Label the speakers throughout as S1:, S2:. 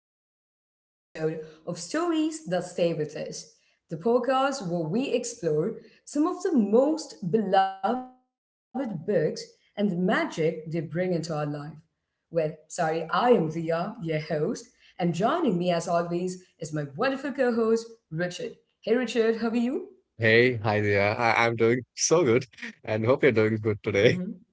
S1: to another episode of Stories That Stay With Us, the podcast where we explore some of the most beloved books and the magic they bring into our life. I am Dia, your host, and joining me as always is my wonderful co host, Richard. Hey, Richard, how are you?
S2: Hey, hi there. I'm doing so good and hope you're doing good today.
S1: hmm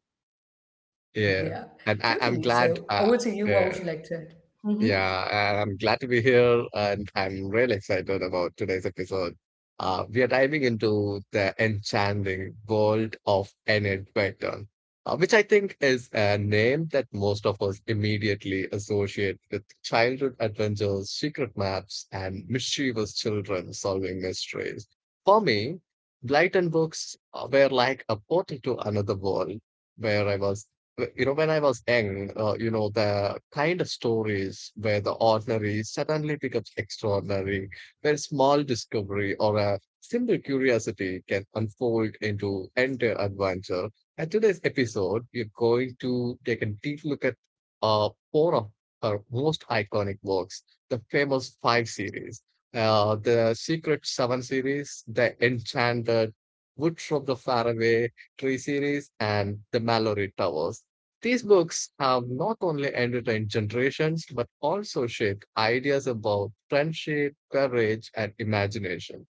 S2: Yeah.
S1: Yeah,
S2: And I'm
S1: totally.
S2: glad.
S1: So, over to you. What
S2: Yeah.
S1: would you like to add?
S2: Yeah, and I'm glad to be here, and I'm really excited about today's episode. We are diving into the enchanting world of Enid Blyton, which I think is a name that most of us immediately associate with childhood adventures, secret maps, and mischievous children solving mysteries. For me, Blyton books were like a portal to another world where I was w- you know, when I was young, the kind of stories where the ordinary suddenly becomes extraordinary, where small discovery or a simple curiosity can unfold into entire adventure. And today's episode, you're going to take a deep look at four of her most iconic works, the Famous Five series, the Secret Seven series, the Enchanted Wood from the Faraway Tree series, and the Mallory Towers. These books have not only entertained generations but also shaped ideas about friendship, courage, and imagination.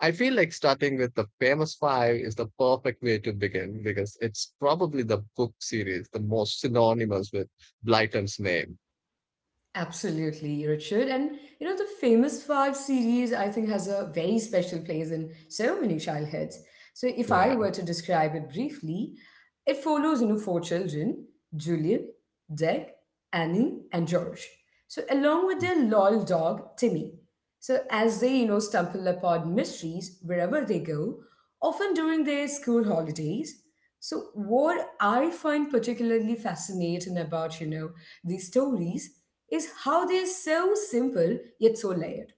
S2: I feel like starting with the Famous Five is the perfect way to begin because it's probably the book series the most synonymous with Blyton's name.
S1: Absolutely, Richard. And the famous five series, I think, has a very special place in so many childhoods. So, if I
S2: Yeah,
S1: were to describe it briefly, it follows, four children Julian, Dick, Annie, and George. So, along with their loyal dog, Timmy. So, as they, stumble upon mysteries wherever they go, often during their school holidays. So what I find particularly fascinating about, these stories is how they're so simple yet so layered.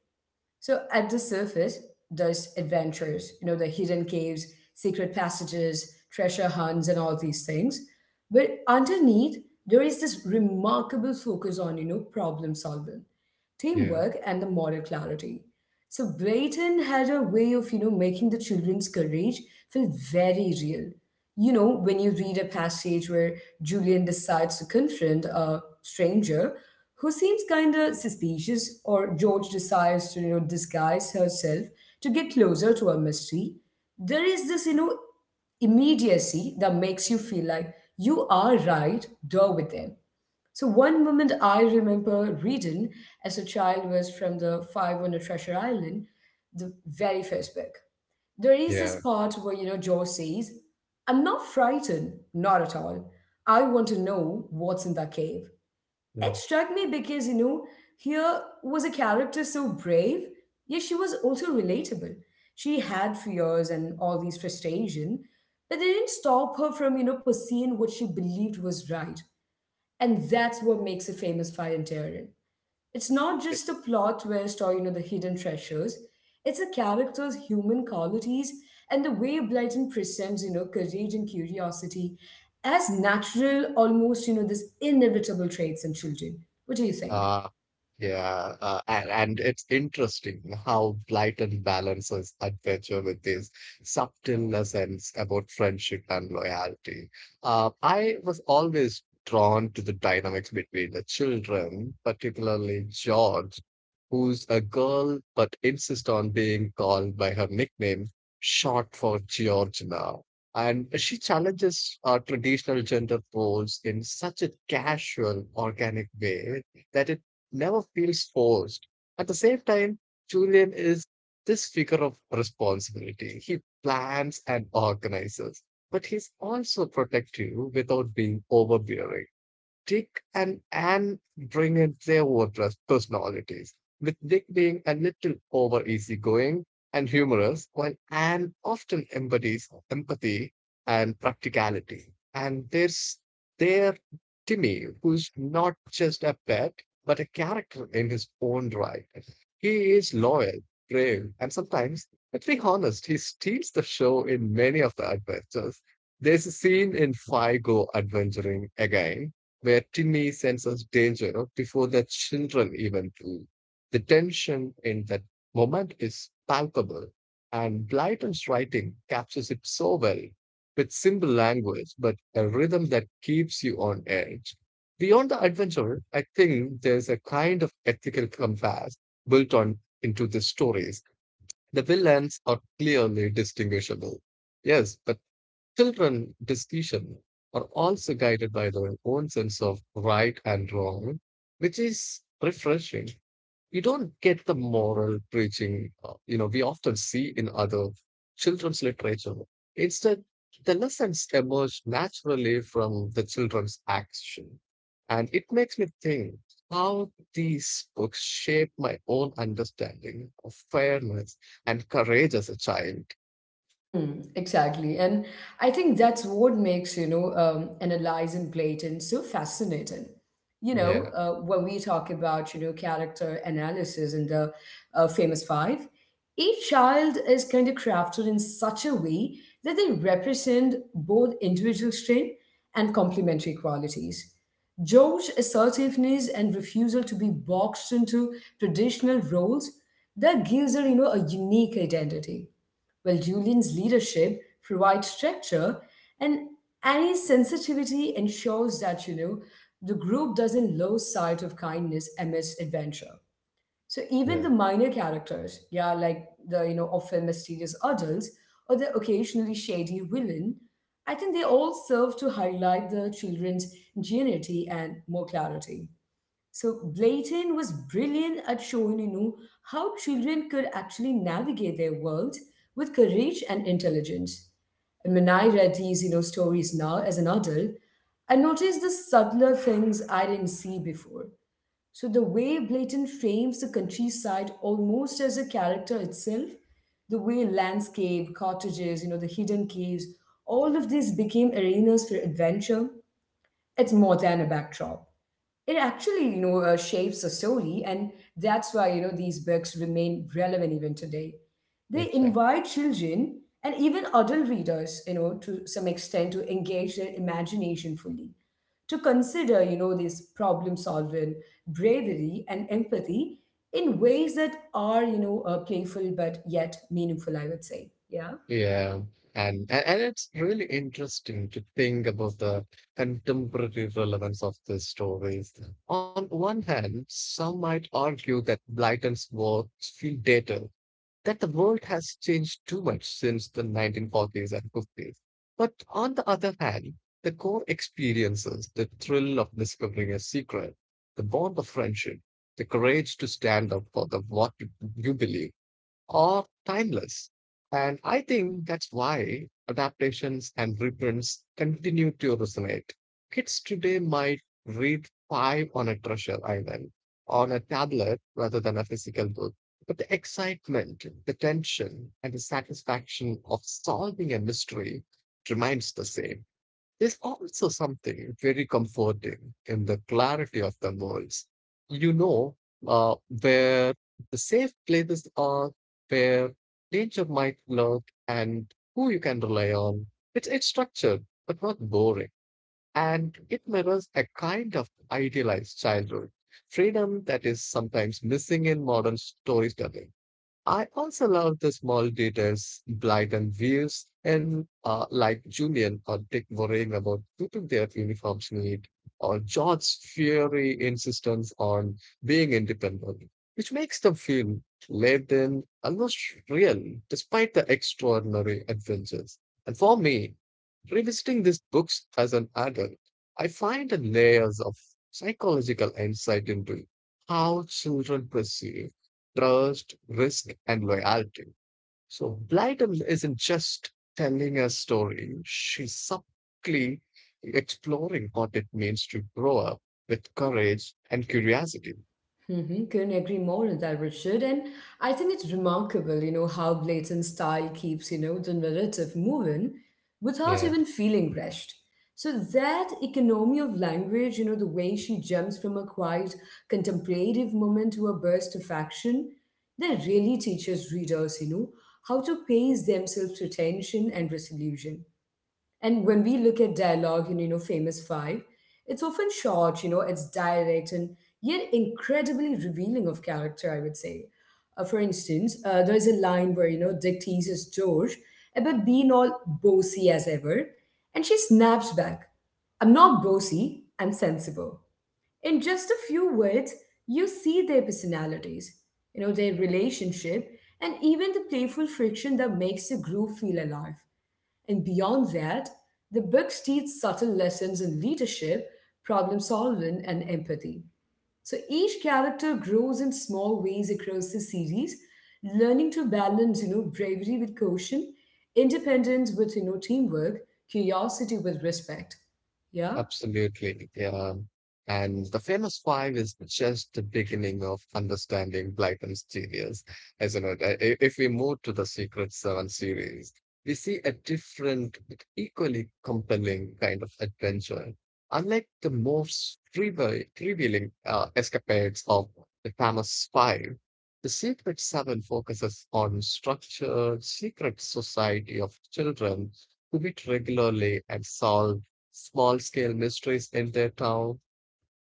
S1: So at the surface, there's adventures, the hidden caves, secret passages, treasure hunts, and all these things. But underneath, there is this remarkable focus on, problem solving,
S2: yeah,
S1: teamwork, and the moral clarity. So Brayton had a way of, making the children's courage feel very real. You know, when you read a passage where Julian decides to confront a stranger who seems kind of suspicious, or George decides to, disguise herself to get closer to a mystery, there is this, immediacy that makes you feel like you are right there with them. So one moment I remember reading as a child was from the Five on the Treasure Island, the very first book. There is this
S2: yeah.
S1: part where, George says, I'm not frightened, not at all. I want to know what's in that cave. It struck me because, here was a character so brave, yet she was also relatable. She had fears and all these frustration, but they didn't stop her from, pursuing what she believed was right. And that's what makes it famous fire and Endearing. It's not
S2: Yeah.
S1: just a plot twist or, the hidden treasures. It's a character's human qualities and the way Blyton presents, courage and curiosity as natural, almost, this inevitable traits in children. What do you think?
S2: Uh, yeah, and it's interesting how Blyton balances adventure with these subtle lessons about friendship and loyalty. I was always drawn to the dynamics between the children, particularly George, who's a girl but insists on being called by her nickname, short for Georgina. And she challenges traditional gender roles in such a casual, organic way that it never feels forced. At the same time, Julian is this figure of responsibility. He plans and organizes, but he's also protective without being overbearing. Dick and Anne bring in their own personalities, with Dick being a little over easygoing and humorous, while Anne often embodies empathy and practicality. And there's their Timmy, who's not just a pet, but a character in his own right. He is loyal, brave, and sometimes, let's be honest, he steals the show in many of the adventures. There's a scene in Figo adventuring again where Timmy senses danger no, before the children even do. The tension in that moment is palpable, and Blyton's writing captures it so well with simple language, but a rhythm that keeps you on edge. Beyond the adventure, I think there's a kind of ethical compass built on into the stories. The villains are clearly distinguishable. Yes, but children decision are also guided by their own sense of right and wrong, which is refreshing. You don't get the moral preaching, we often see in other children's literature. Instead, the lessons emerge naturally from the children's action. And it makes me think how these books shape my own understanding of fairness and courage as a child.
S1: Hmm, exactly. And I think that's what makes, analyzing Platon so fascinating. You know,
S2: Yeah,
S1: when we talk about, character analysis in the famous five, each child is kind of crafted in such a way that they represent both individual strength and complementary qualities. George's assertiveness and refusal to be boxed into traditional roles that gives her, a unique identity well, Julian's leadership provides structure, and Annie's sensitivity ensures that, the group doesn't lose sight of kindness amidst adventure. So even
S2: yeah,
S1: the minor characters, yeah, like the, often mysterious adults or the occasionally shady villain, I think they all serve to highlight the children's ingenuity and more clarity. So Blayton was brilliant at showing, how children could actually navigate their world with courage and intelligence. And when I read these, stories now as an adult, I noticed the subtler things I didn't see before. So the way Blayton frames the countryside almost as a character itself, the way landscape, cottages, the hidden caves, all of these became arenas for adventure. It's more than a backdrop, it actually shapes the story, and that's why these books remain relevant even today. They
S2: exactly.
S1: invite children and even adult readers, to some extent, to engage their imagination fully, to consider, this problem solving, bravery, and empathy in ways that are, playful but yet meaningful, I would say. Yeah?
S2: Yeah, and it's really interesting to think about the contemporary relevance of these stories. On one hand, some might argue that Blyton's works feel dated, that the world has changed too much since the 1940s and 50s. But on the other hand, the core experiences, the thrill of discovering a secret, the bond of friendship, the courage to stand up for the what you believe are timeless. And I think that's why adaptations and reprints continue to resonate. Kids today might read five on a treasure island, on a tablet rather than a physical book. But the excitement, the tension, and the satisfaction of solving a mystery remains the same. There's also something very comforting in the clarity of the voice. You know where the safe places are, where danger might lurk, and who you can rely on. It's structured, but not boring. And it mirrors a kind of idealized childhood, freedom that is sometimes missing in modern storytelling. I also love the small details, blatant views, and like Julian or Dick worrying about keeping their uniforms neat, or George's fiery insistence on being independent, which makes them feel lived in, almost real, despite the extraordinary adventures. And for me, revisiting these books as an adult, I find the layers of psychological insight into how children perceive trust, risk, and loyalty. So Blyton isn't just telling a story, she's subtly exploring what it means to grow up with courage and curiosity.
S1: Mm-hmm. Couldn't agree more on that, Richard. And I think it's remarkable, how blatant style keeps, the narrative moving without
S2: Yeah,
S1: even feeling rushed. So that economy of language, the way she jumps from a quiet contemplative moment to a burst of action, that really teaches readers, how to pace themselves to tension and resolution. And when we look at dialogue in, Famous Five, it's often short, it's direct and yet incredibly revealing of character, I would say. For instance, there's a line where, Dick teases George about being all bossy as ever, and she snaps back, I'm not bossy, I'm sensible. In just a few words, you see their personalities, their relationship, and even the playful friction that makes the group feel alive. And beyond that, the books teach subtle lessons in leadership, problem solving, and empathy. So each character grows in small ways across the series, learning to balance, bravery with caution, independence with, teamwork, curiosity with respect. Yeah?
S2: absolutely. Yeah. And the Famous Five is just the beginning of understanding Blyton's genius, isn't it? If we move to the Secret Seven series, we see a different, but equally compelling kind of adventure. Unlike the most trivial escapades of the Famous Five, the Secret Seven focuses on structured secret society of children who meet regularly and solve small scale mysteries in their town.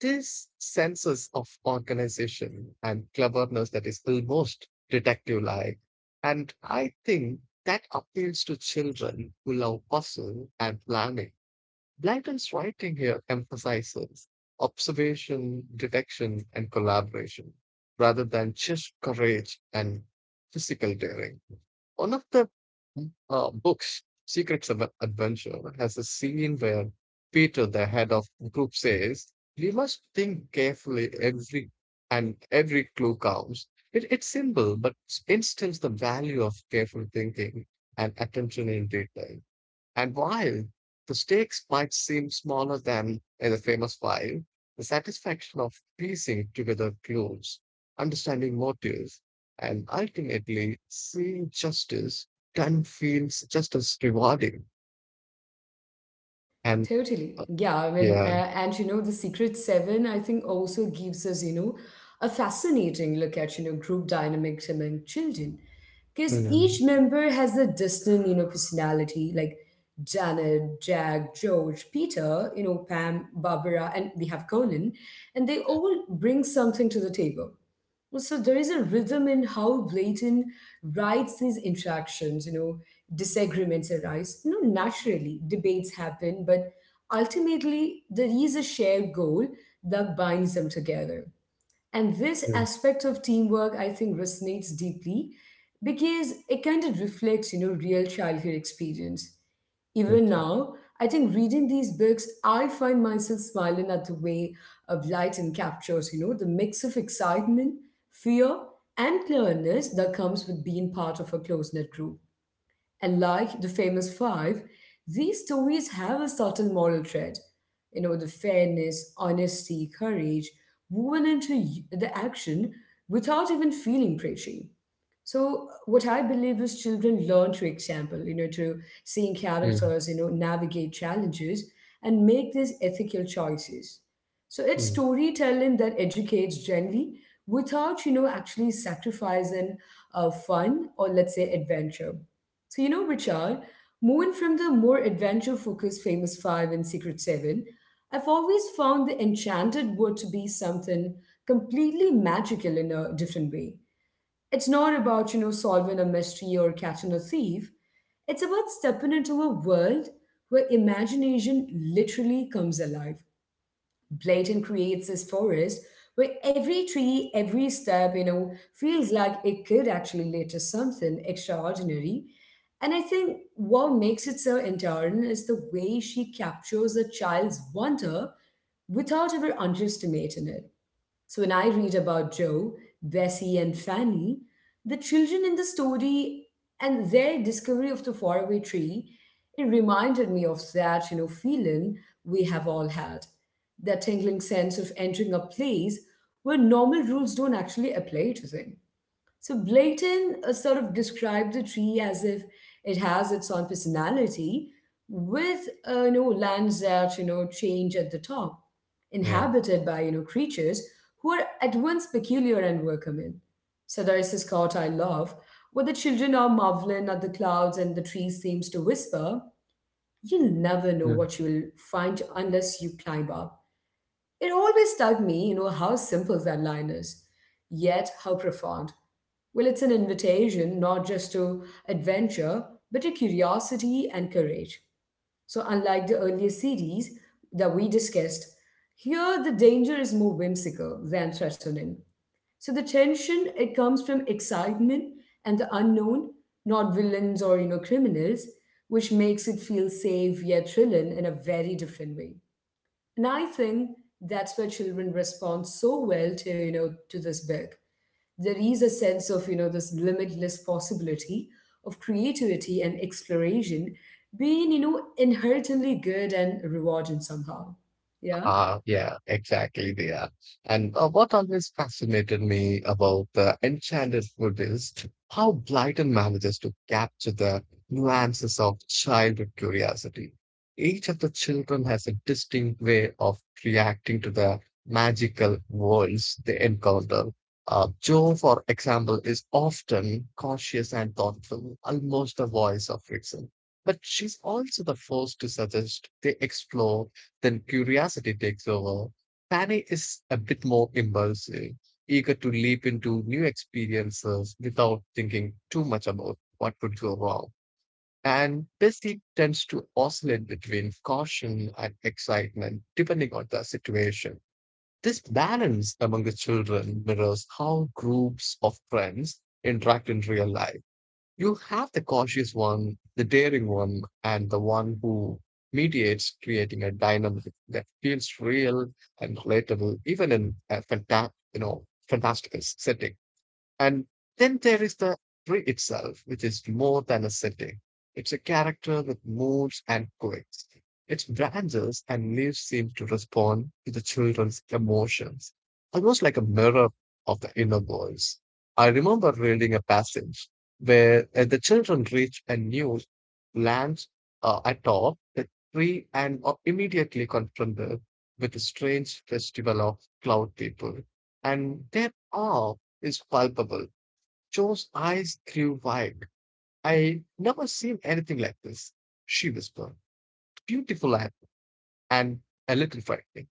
S2: This sense of organization and cleverness that is almost detective like. And I think that appeals to children who love puzzle and planning. Blyton's writing here emphasizes observation, detection, and collaboration rather than just courage and physical daring. One of the books, Secrets of Adventure, has a scene where Peter, the head of the group, says, "We must think carefully every and every clue counts." It's simple, but it instills the value of careful thinking and attention in detail. And while the stakes might seem smaller than in the Famous Five, the satisfaction of piecing together clues, understanding motives, and ultimately seeing justice can feel just as rewarding. And
S1: Totally.
S2: uh,
S1: Yeah. I mean,
S2: yeah.
S1: and the Secret Seven, I think, also gives us, a fascinating look at, group dynamics among children. Because
S2: Mm,
S1: each
S2: mm,
S1: member has a distinct, personality, like Janet, Jack, George, Peter, Pam, Barbara, and we have Colin, and they all bring something to the table. Well, so there is a rhythm in how Blatant writes these interactions, disagreements arise. You know, naturally, debates happen, but ultimately, there is a shared goal that binds them together. And this
S2: mm,
S1: aspect of teamwork, I think, resonates deeply because it kind of reflects, real childhood experience. Even
S2: mm,
S1: now, I think reading these books, I find myself smiling at the way of light and captures, the mix of excitement, fear, and clearness that comes with being part of a close knit group. And like the famous five, these stories have a subtle moral thread. You know, the fairness, honesty, courage woven into the action without even feeling preachy. So what I believe is children learn through example, through seeing
S2: mm,
S1: characters, navigate challenges and make these ethical choices. So it's
S2: mm,
S1: storytelling that educates gently without, actually sacrificing fun or let's say adventure. So, Richard, moving from the more adventure focused Famous Five and Secret Seven, I've always found the enchanted word to be something completely magical in a different way. It's not about, solving a mystery or catching a thief, it's about stepping into a world where imagination literally comes alive. Blayton creates this forest where every tree, every step, feels like it could actually lead to something extraordinary. And I think what makes it so endearing is the way she captures a child's wonder without ever underestimating it. So when I read about Joe, Bessie, and Fanny, the children in the story and their discovery of the faraway tree, it reminded me of that, feeling we have all had. That tingling sense of entering a place where normal rules don't actually apply to them. So Blayton sort of described the tree as if it has its own personality, with lands that change at the top,
S2: yeah.
S1: inhabited by creatures who are at once peculiar and welcoming. Sadaris is caught I love, where the children are marveling at the clouds and the tree seems to whisper, "You'll never know what you'll find unless you climb up." It always struck me, how simple that line is, yet how profound. Well, it's an invitation not just to adventure, but to curiosity and courage. So, unlike the earlier series that we discussed, here the danger is more whimsical than threatening. So, the tension it comes from excitement and the unknown, not villains or criminals, which makes it feel safe yet thrilling in a very different way. And I think that's where children respond so well to, to this book. There is a sense of, this limitless possibility of creativity and exploration being, inherently good and rewarding somehow. Yeah.
S2: Ah, yeah, exactly. They are. And what always fascinated me about the enchanted food is how Blyton manages to capture the nuances of childhood curiosity. Each of the children has a distinct way of reacting to the magical worlds they encounter. Joe, for example, is often cautious and thoughtful, almost the voice of reason. But she's also the first to suggest they explore then curiosity takes over. Fanny is a bit more impulsive, eager to leap into new experiences without thinking too much about what could go wrong. And Bessie tends to oscillate between caution and excitement depending on the situation. This balance among the children mirrors how groups of friends interact in real life. You have the cautious one, the daring one, and the one who mediates, creating a dynamic that feels real and relatable, even in a fantastical setting. And then there is the tree itself, which is more than a setting. It's a character that moves and quakes. Its branches and leaves seem to respond to the children's emotions, almost like a mirror of the inner voice. I remember reading a passage where the children reach a new land atop the tree and are immediately confronted with a strange festival of cloud people. And there are is palpable. Joe's eyes grew wide. I never seen anything like this, she whispered. Beautiful and a little frightening.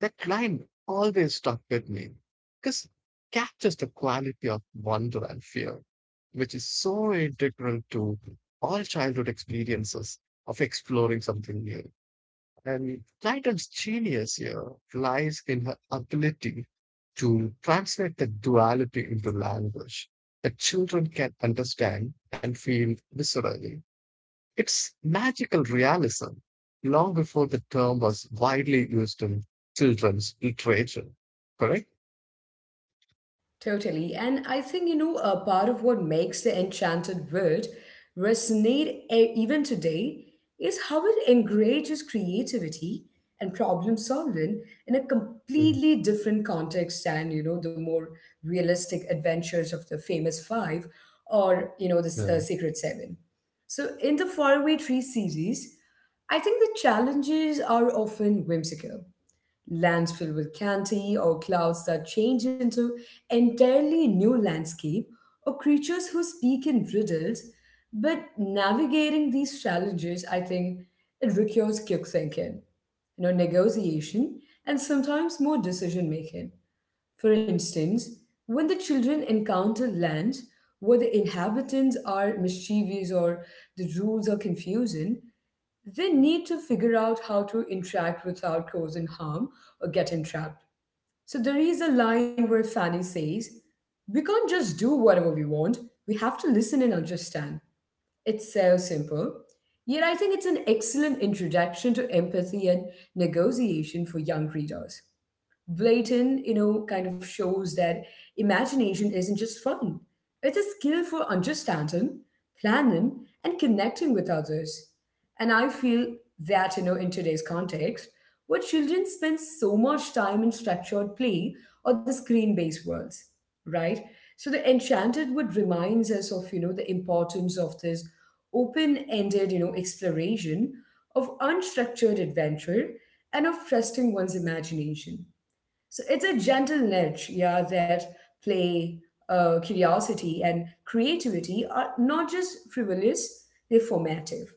S2: That line always stuck with me because captures the quality of wonder and fear, which is so integral to all childhood experiences of exploring something new. And Titel's genius here lies in her ability to translate the duality into language that children can understand and feel viscerally. It's magical realism long before the term was widely used in children's literature, correct?
S1: Totally. And I think, a part of what makes the enchanted wood resonate even today is how it encourages creativity and problem solving in a
S2: Mm,
S1: completely different context than, the more realistic adventures of the famous five or, the
S2: yeah.
S1: Secret Seven. So in the Faraway Tree series, I think the challenges are often whimsical lands filled with candy or clouds that change into entirely new landscape or creatures who speak in riddles, but navigating these challenges, I think, it requires quick thinking, negotiation, and sometimes more decision making. For instance, when the children encounter lands where the inhabitants are mischievous or the rules are confusing, they need to figure out how to interact without causing harm or getting trapped. So there is a line where Fanny says, "We can't just do whatever we want, we have to listen and understand." It's so simple. Yet I think it's an excellent introduction to empathy and negotiation for young readers. Blayton, kind of shows that imagination isn't just fun. It's a skill for understanding, planning, and connecting with others. And I feel that, in today's context, where children spend so much time in structured play or the screen based worlds, right? So the Enchanted Wood reminds us of, the importance of this open ended, exploration of unstructured adventure and of trusting one's imagination. So it's a gentle nudge, yeah, that play, curiosity, and creativity are not just frivolous, they're formative.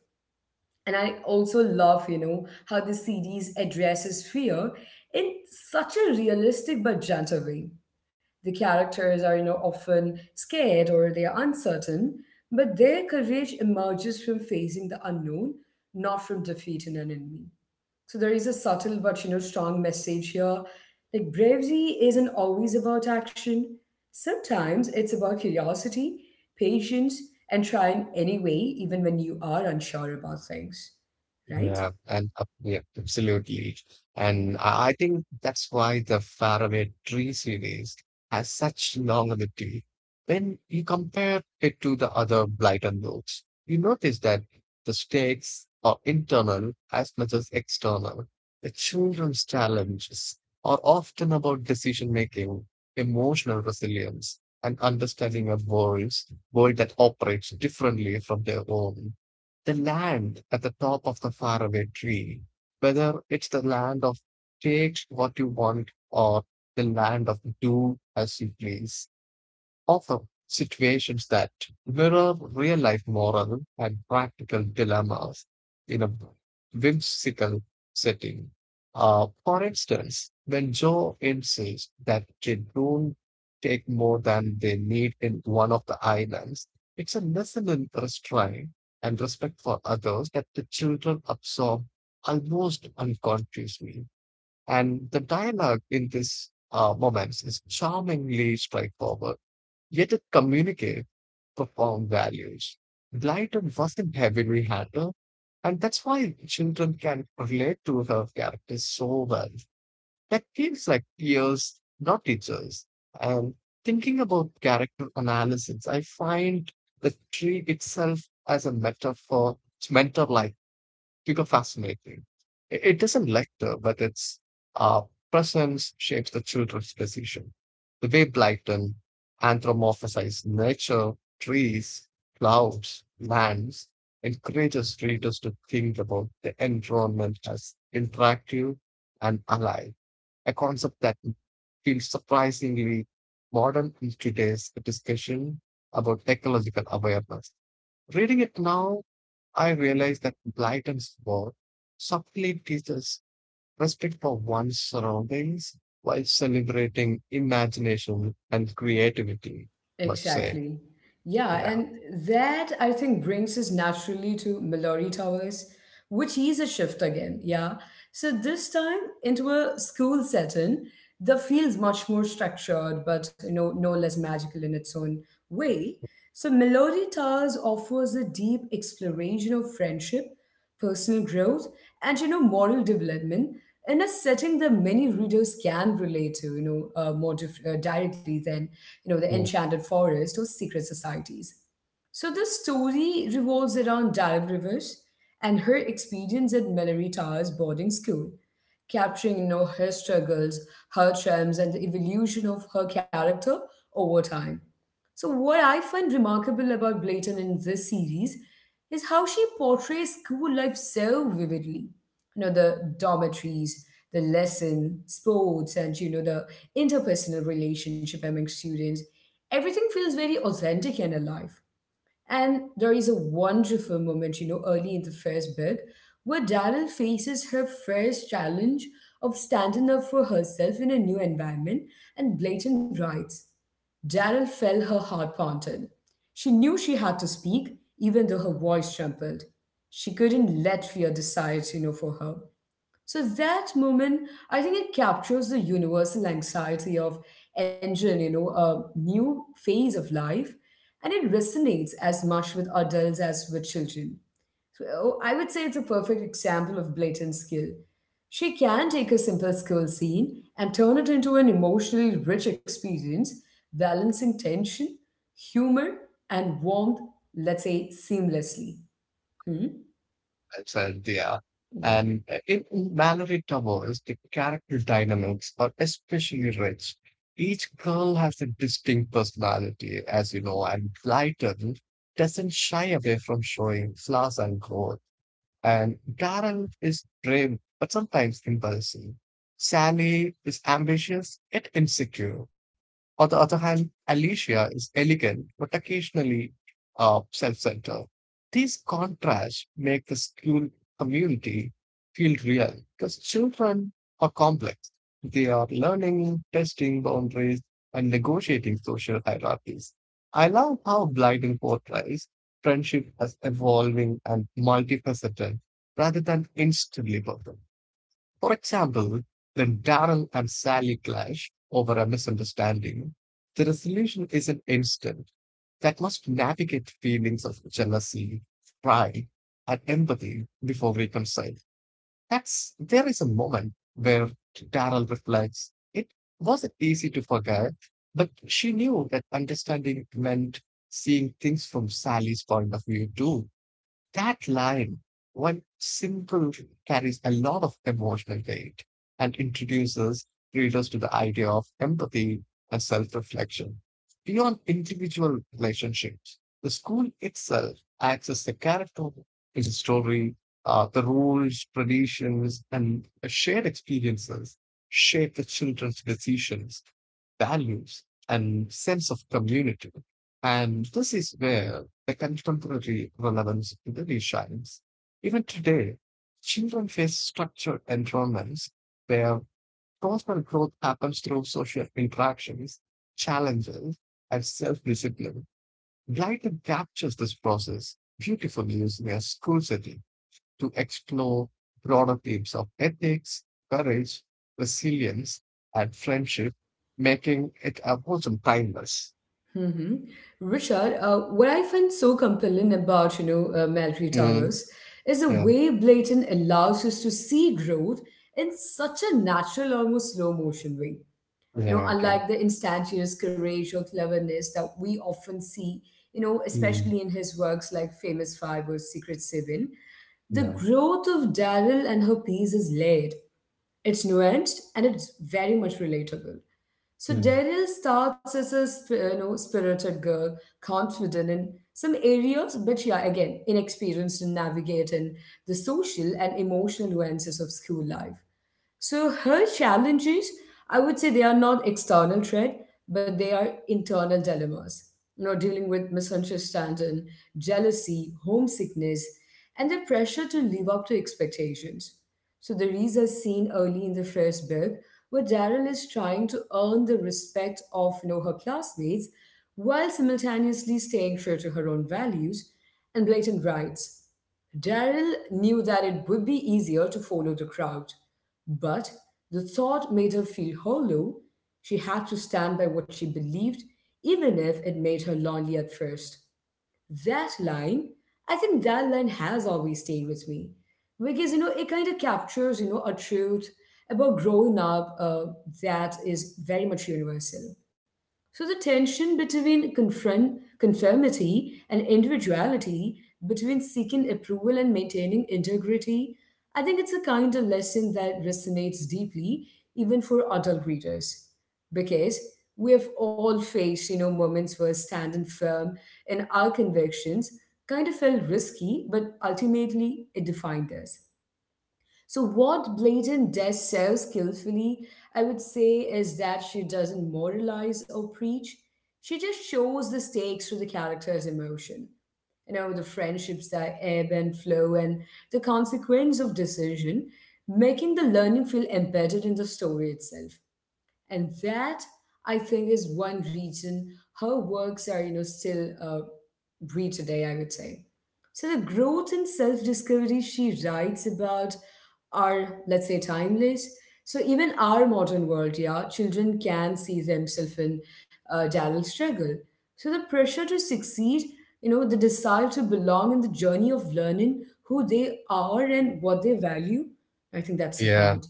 S1: And I also love, how the series addresses fear in such a realistic but gentle way. The characters are, often scared or they are uncertain, but their courage emerges from facing the unknown, not from defeat in an enemy. So there is a subtle but you know strong message here. Like bravery isn't always about action. Sometimes it's about curiosity, patience, and trying anyway, even when you are unsure about things. Right?
S2: Yeah, and yeah, absolutely. And I think that's why the Faraway Tree series has such longevity. When you compare it to the other Blyton books, you notice that the stakes are internal as much as external. The children's challenges are often about decision making, emotional resilience, and understanding a world that operates differently from their own. The land at the top of the faraway tree, whether it's the land of take what you want or the land of do as you please often situations that mirror real life moral and practical dilemmas in a whimsical setting. For instance, when Joe insists that they don't take more than they need in one of the islands, it's a lesson in restraint and respect for others that the children absorb almost unconsciously. And the dialogue in these moments is charmingly straightforward. Yet it communicated profound values. Lighter wasn't heavily handled, and that's why children can relate to her characters so well. That feels like peers, not teachers. And thinking about character analysis, I find the tree itself as a metaphor, it's mentor like figure fascinating. It doesn't lecture, but its uh, presence shapes the children's decision. The way Blyton anthropomorphizes nature, trees, clouds, lands, encourages readers to think about the environment as interactive and alive, a concept that feels surprisingly modern in today's discussion about ecological awareness. Reading it now I realized that Blyton's work subtly teaches respect for one's surroundings while celebrating imagination and creativity, let's say.
S1: Exactly. Yeah,
S2: Yeah,
S1: and that I think brings us naturally to Mallory Towers, which is a shift again. Yeah. So this time into a school setting that feels much more structured, but you know, no less magical in its own way. So Melody Towers offers a deep exploration of friendship, personal growth, and you know, moral development in a setting that many readers can relate to, you know, directly than you know the
S2: mm,
S1: Enchanted Forest or secret societies. So the story revolves around Dive Rivers and her experience at Mallory Towers boarding school, capturing you know, her struggles, her triumphs, and the evolution of her character over time. So what I find remarkable about Blayton in this series is how she portrays school life so vividly. You know, the dormitories, the lesson, sports, and you know, the interpersonal relationship among students. Everything feels very authentic and alive. And there is a wonderful moment, you know, early in the first book where Daryl faces her first challenge of standing up for herself in a new environment and Blayton writes, "Daryl felt her heart pounded. She knew she had to speak, even though her voice trembled. She couldn't let fear decide, you know, for her." So that moment, I think it captures the universal anxiety of entering, you know, a new phase of life, and it resonates as much with adults as with children. So I would say it's a perfect example of blatant skill. She can take a simple skill scene and turn it into an emotionally rich experience, balancing tension, humor, and warmth, let's say, seamlessly. Hmm?
S2: that's it, yeah.
S1: Yeah.
S2: And in Mallory Towers, the character dynamics are especially rich. Each girl has a distinct personality, as you know, and Blyton doesn't shy away from showing flaws and growth. And Daryl is brave, but sometimes impulsive. Sally is ambitious yet insecure. On the other hand, Alicia is elegant but occasionally self centered. These contrasts make the school community feel real because children are complex. They are learning, testing boundaries, and negotiating social hierarchies. I love how Blyden portrays friendship as evolving and multifaceted rather than instantly perfect. For example, when Daryl and Sally clash over a misunderstanding, the resolution isn't instant. That must navigate feelings of jealousy, pride, and empathy before reconcile. That's there is a moment where Daryl reflects. It wasn't easy to forget, but she knew that understanding meant seeing things from Sally's point of view too that line, one simple, carries a lot of emotional weight and introduces readers to the idea of empathy and self reflection. Beyond individual relationships, the school itself acts as the character in the story. The rules, traditions, and shared experiences shape the children's decisions values, and sense of community. And this is where the contemporary relevance really shines. Even today, children face structured environments where personal growth happens through social interactions, challenges, and self discipline. Glyden captures this process beautifully using a school setting to explore broader themes of ethics, courage, resilience, and friendship, making it a wholesome timeless.
S1: Hmm. Richard, what I find so compelling about, you know, Military
S2: Mm,
S1: Towers is the
S2: yeah,
S1: way Blayton allows us to see growth in such a natural, almost slow motion way. You know,
S2: yeah, okay.
S1: unlike the instantaneous courage or cleverness that we often see, you know,
S2: Mm,
S1: especially in his works like Famous Five or Secret Seven, the
S2: yeah,
S1: growth of Daryl and her piece is layered. It's nuanced and it's very much relatable. So
S2: mm,
S1: Daryl starts as a you know spirited girl, confident in some areas, but yeah, again, inexperienced in navigating the social and emotional nuances of school life. So her challenges, I would say they are not external threat, but they are internal dilemmas. You know, dealing with misunderstanding, jealousy, homesickness, and the pressure to live up to expectations. So there is a scene early in the first book where Daryl is trying to earn the respect of you know her classmates while simultaneously staying true to her own values and blatant rights. "Daryl knew that it would be easier to follow the crowd, but the thought made her feel hollow. She had to stand by what she believed, even if it made her lonely at first." That line, I think that line has always stayed with me because you know it kind of captures you know a truth about growing up that is very much universal. So the tension between conformity and individuality, between seeking approval and maintaining integrity, I think it's a kind of lesson that resonates deeply even for adult readers. Because we have all faced, you know, moments where standing firm in our convictions kind of felt risky, but ultimately it defined us. So, what Bladen does so skillfully, I would say, is that she doesn't moralize or preach. She just shows the stakes through the character's emotion. You know, the friendships that ebb and flow and the consequence of decision, making the learning feel embedded in the story itself. And that, I think, is one reason her works are, you know, still read today, I would say. So the growth and self-discovery she writes about are, let's say, timeless. So even our modern world, yeah, children can see themselves in Daryl's struggle. So the pressure to succeed, you know, the desire to belong in the journey of learning who they are and what they value, I think that's the
S2: yeah.
S1: point.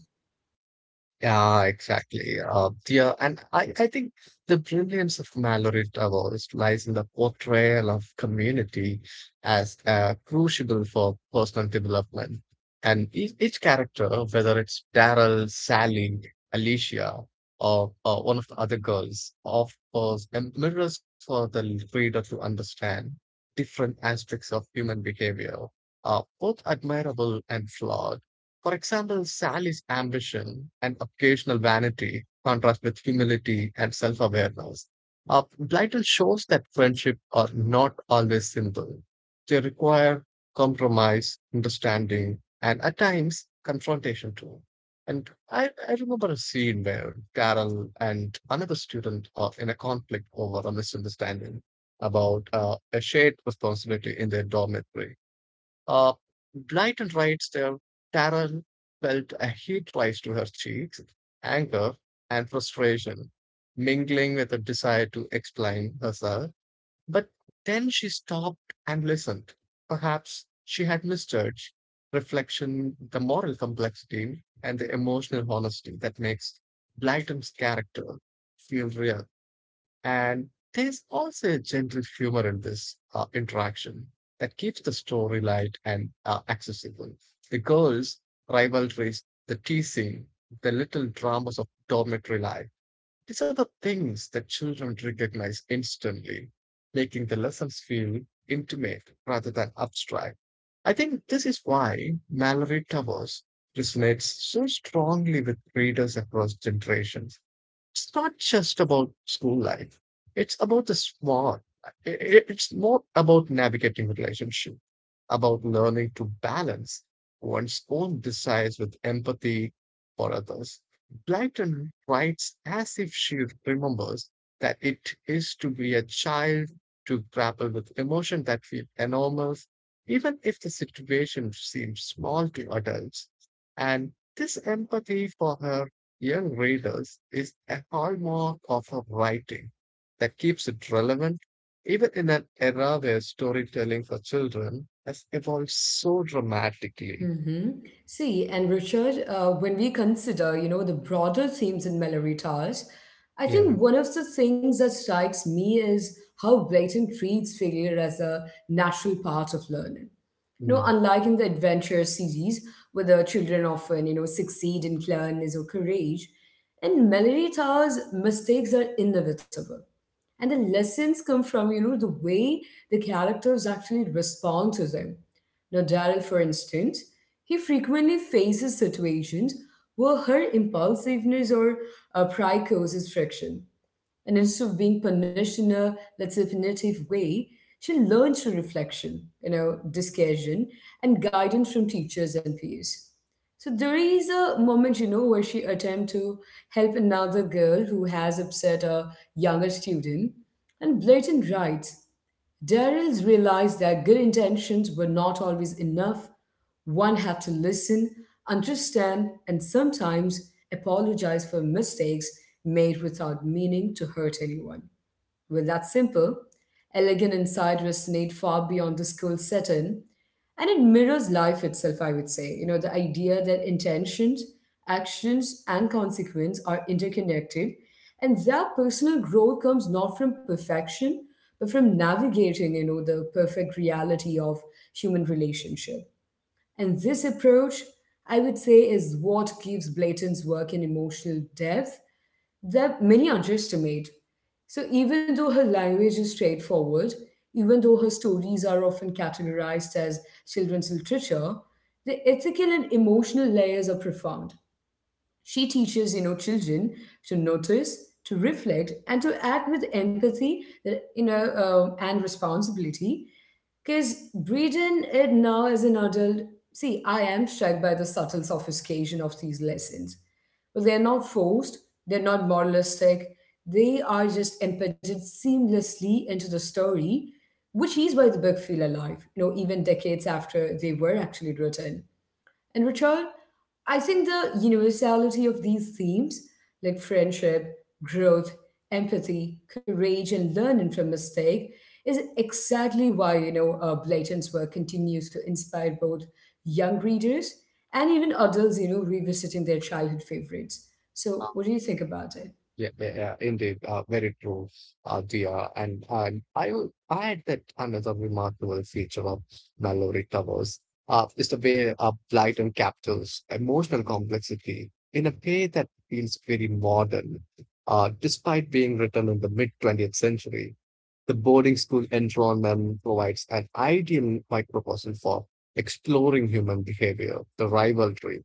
S2: Yeah, exactly. Yeah, and I think the brilliance of Mallory Towers lies in the portrayal of community as crucible for personal development. And each character, whether it's Daryl, Sally, Alicia, or one of the other girls, offers mirrors for the reader to understand different aspects of human behavior, both admirable and flawed. For example, Sally's ambition and occasional vanity contrast with humility and self awareness. Blyton shows that friendship are not always simple. They require compromise, understanding, and at times confrontation too. And I remember a scene where Carol and another student are in a conflict over a misunderstanding about a shared responsibility in their dormitory. Uh, Blyton writes there, Taryn felt a heat rise to her cheeks, anger and frustration, mingling with a desire to explain herself. But then she stopped and listened. Perhaps she had misjudged reflection, the moral complexity, and the emotional honesty that makes Blyton's character feel real. And there's also a gentle humor in this interaction that keeps the story light and accessible. The girls' rivalries, the teasing, the little dramas of dormitory life, these are the things that children recognize instantly, making the lessons feel intimate rather than abstract. I think this is why Mallory Towers resonates so strongly with readers across generations it's not just about school life. It's about the small. It's more about navigating relationship, about learning to balance one's own desires with empathy for others. Blyton writes as if she remembers that it is to be a child to grapple with emotion that feel enormous, even if the situation seems small to adults. And this empathy for her young readers is a hallmark of her writing that keeps it relevant even in an era where storytelling for children has evolved so dramatically.
S1: Mm-hmm. See, and Richard, when we consider, you know, the broader themes in Mallory Towers, I think
S2: Yeah.
S1: one of the things that strikes me is how Blayton treats failure as a natural part of learning. You know,
S2: Mm.
S1: unlike in the adventure series, where the children often, you know, succeed in cleverness or courage, in Mallory Towers, mistakes are inevitable. And the lessons come from, you know, the way the characters actually respond to them. Now, Daryl, for instance, he frequently faces situations where her impulsiveness or pride causes friction. And instead of being punished in a, let's say, punitive way, she learns through reflection, you know, discussion, and guidance from teachers and peers. So there is a moment, you know, where she attempts to help another girl who has upset a younger student and blatant right. "Daryl's realized that good intentions were not always enough. One had to listen, understand, and sometimes apologize for mistakes made without meaning to hurt anyone." Well, that's simple. Elegant insight resonate far beyond the school setting, and it mirrors life itself, I would say. You know, the idea that intentions, actions, and consequence are interconnected, and that personal growth comes not from perfection, but from navigating, you know, the perfect reality of human relationship. And this approach, I would say, is what gives Blayton's work an emotional depth that many underestimate. So, even though her language is straightforward, even though her stories are often categorized as children's literature, the ethical and emotional layers are profound. She teaches, you know, children to notice, to reflect, and to act with empathy, and responsibility. Because reading it now as an adult, see, I am struck by the subtle sophistication of these lessons. But they're not forced, they're not moralistic, they are just embedded seamlessly into the story, which is why the book feel alive, you know, even decades after they were actually written. And Richard, I think the universality of these themes, like friendship, growth, empathy, courage, and learning from mistake, is exactly why you know Blayton's work continues to inspire both young readers and even adults, you know, revisiting their childhood favorites. So, what do you think about it?
S2: Yeah, yeah, yeah, indeed, very true, Dia. And I will add that another remarkable feature of Mallory Towers is the way Blyton captures emotional complexity in a way that feels very modern, despite being written in the mid 20th century. The boarding school environment provides an ideal microcosm for exploring human behavior, the rivalry,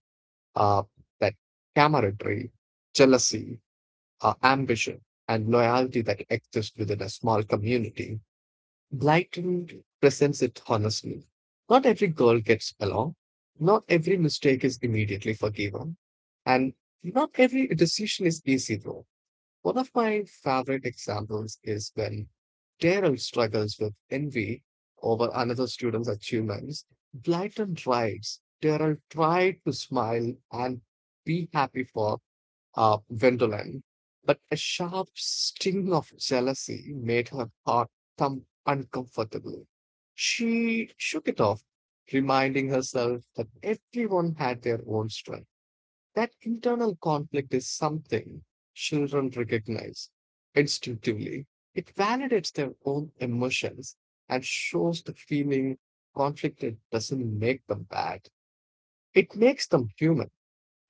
S2: uh, that camaraderie, jealousy, ambition, and loyalty that exist within a small community. Blighton presents it honestly. Not every girl gets along, not every mistake is immediately forgiven, and not every decision is easy though. One of my favorite examples is when Daryl struggles with envy over another student's achievements. Blyton tries. Daryl tried to smile and be happy for Gwendolen, but a sharp sting of jealousy made her heart thump uncomfortably. She shook it off, reminding herself that everyone had their own strength. That internal conflict is something children recognize instinctively. It validates their own emotions and shows the feeling conflicted doesn't make them bad. It makes them human.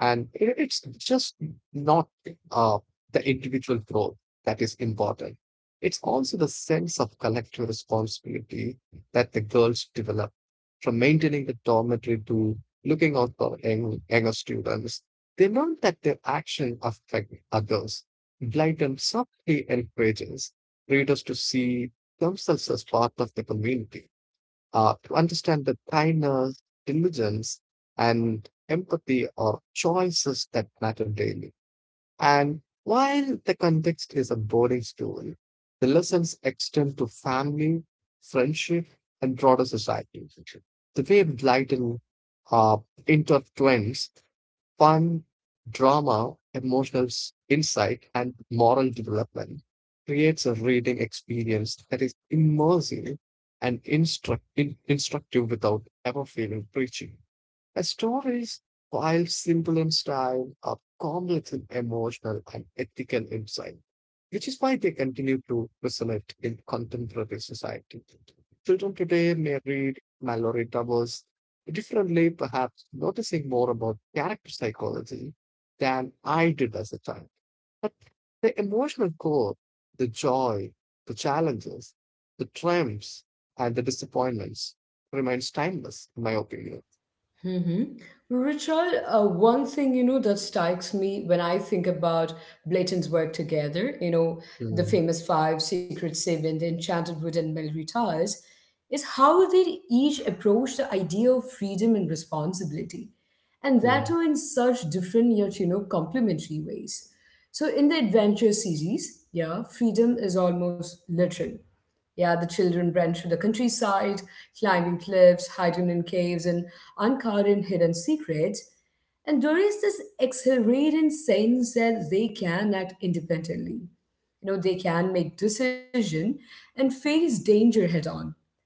S2: And it's just not uh, the individual growth that is important. It's also the sense of collective responsibility that the girls develop from maintaining the dormitory to looking out for younger students. They learn that their actions affect others. Blyton subtly encourages readers to see themselves as part of the community to understand that kindness, diligence, and empathy are choices that matter daily. And while the context is a boring story, the lessons extend to family, friendship, and broader society. The way Blyton uh, intertwines fun, drama, emotional insight, and moral development creates a reading experience that is immersive and instructive without ever feeling preachy. Her stories, while simple in style, are complex in emotional and ethical insight, which is why they continue to resonate in contemporary society. Children today may read Mallory Towers differently, perhaps noticing more about character psychology than I did as a child. But the emotional core, the joy, the challenges, the triumphs, and the disappointments remains timeless, in my opinion.
S1: Hmm. Richard, one thing you know that strikes me when I think about Blayton's work together, you know, the famous five, Secret Seven, the Enchanted Wood, and Melry Towers, is how they each approach the idea of freedom and responsibility, and that
S2: Mm,
S1: too in such different yet you know complementary ways. So in the adventure series, yeah, freedom is almost literal, yeah, the children ran through the countryside, climbing cliffs, hiding in caves, and uncovering hidden secrets. And there is this exhilarating sense that they can act independently. You know, they can make decision and face danger head on.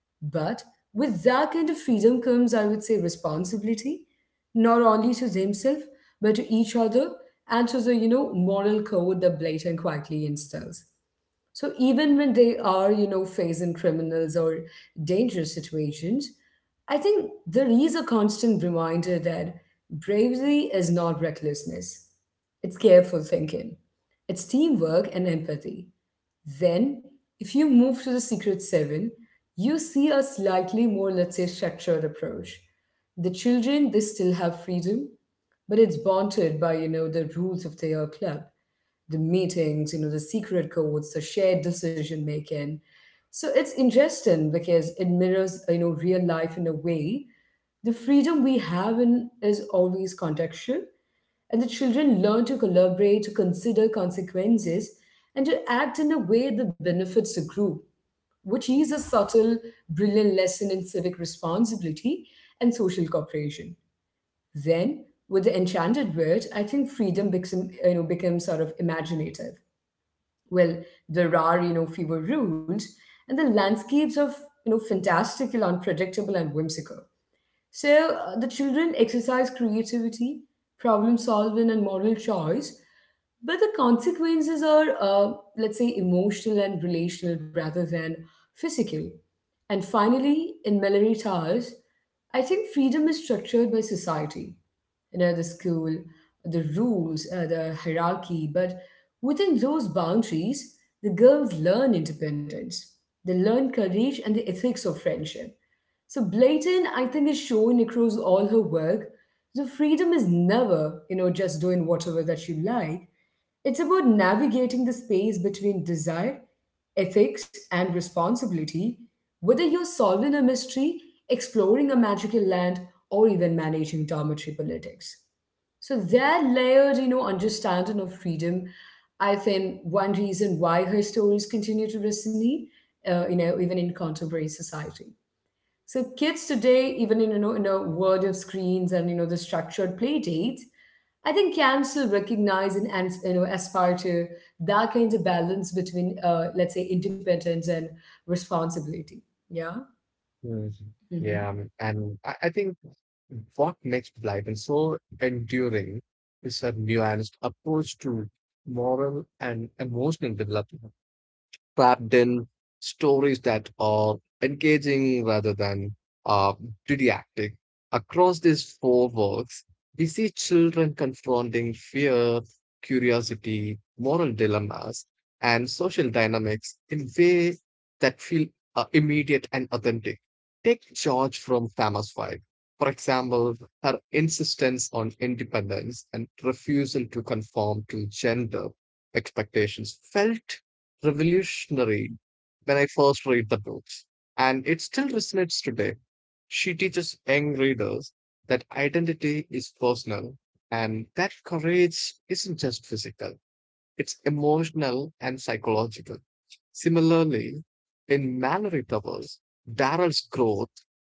S1: But with that kind of freedom comes, I would say, responsibility, not only to themselves, but to each other and to the, you know, moral code that Blayton quietly instills. So even when they are, you know, facing criminals or dangerous situations, I think there is a constant reminder that bravery is not recklessness. It's careful thinking. It's teamwork and empathy. Then, if you move to the Secret Seven, you see a slightly more, let's say, structured approach. The children, they still have freedom, but it's bounded by, you know, the rules of their club, the meetings, you know, the secret codes, the shared decision making. So it's interesting because it mirrors, you know, real life in a way. The freedom we have in is always contextual, and the children learn to collaborate, to consider consequences, and to act in a way that benefits the group, which is a subtle, brilliant lesson in civic responsibility and social cooperation. Then, with the enchanted word, I think freedom becomes sort of imaginative well, there are, fewer rules, and the landscapes of, fantastical, unpredictable, and whimsical. So the children exercise creativity, problem solving, and moral choice, but the consequences are, let's say, emotional and relational rather than physical. And finally, in Mallory Towers, I think freedom is structured by society, you know, the school, the rules, the hierarchy. But within those boundaries, the girls learn independence. They learn courage and the ethics of friendship. So blatant, I think, is shown across all her work. The freedom is never, just doing whatever that you like. It's about navigating the space between desire, ethics, and responsibility, whether you're solving a mystery, exploring a magical land, or even managing dormitory politics. So that layered, understanding of freedom, I think one reason why her stories continue to resonate, even in contemporary society. So kids today, even in in a world of screens and the structured play dates, I think can still recognize and aspire to that kind of balance between let's say independence and responsibility. Yeah.
S2: mm. Yeah, and I think what makes Blyton so enduring is her nuanced approach to moral and emotional development. Trapped in stories that are engaging rather than uh, didactic. Across these four works, we see children confronting fear, curiosity, moral dilemmas, and social dynamics in ways that feel immediate and authentic. Take George from Famous Five. For example, her insistence on independence and refusal to conform to gender expectations felt revolutionary when I first read the books, and it still resonates today. She teaches young readers that identity is personal and that courage isn't just physical, it's emotional and psychological. Similarly, in Mallory Towers, Daryl's growth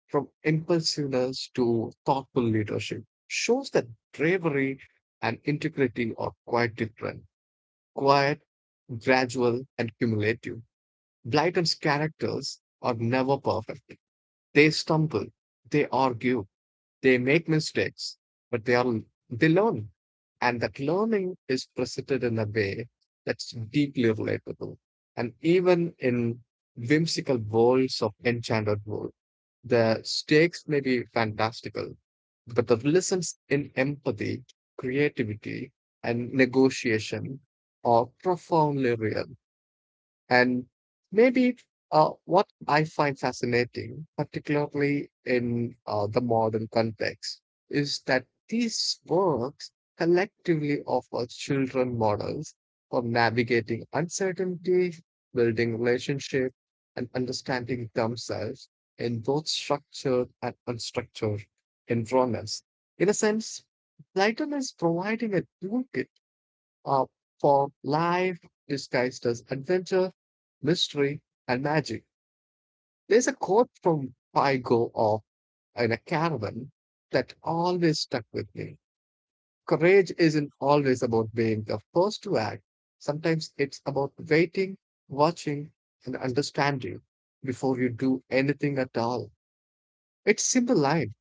S2: from impulsiveness to thoughtful leadership shows that bravery and integrity are quite different quiet, gradual, and cumulative. Blyton's characters are never perfect. They stumble, they argue, they make mistakes, but they are they learn. And that learning is presented in a way that's deeply relatable. And even in whimsical worlds of enchanted world. The stakes may be fantastical, but the lessons in empathy, creativity, and negotiation are profoundly real. And maybe what I find fascinating, particularly in the modern context, is that these works collectively offer children models for navigating uncertainty, building relationships, and understanding themselves in both structured and unstructured environments. In a sense, Platon is providing a toolkit uh, form life disguised as adventure, mystery, and magic. There's a quote from Pygo of in a caravan that always stuck with me. Courage isn't always about being the first to act. Sometimes it's about waiting, watching, and understanding before you do anything at all. It's simple line,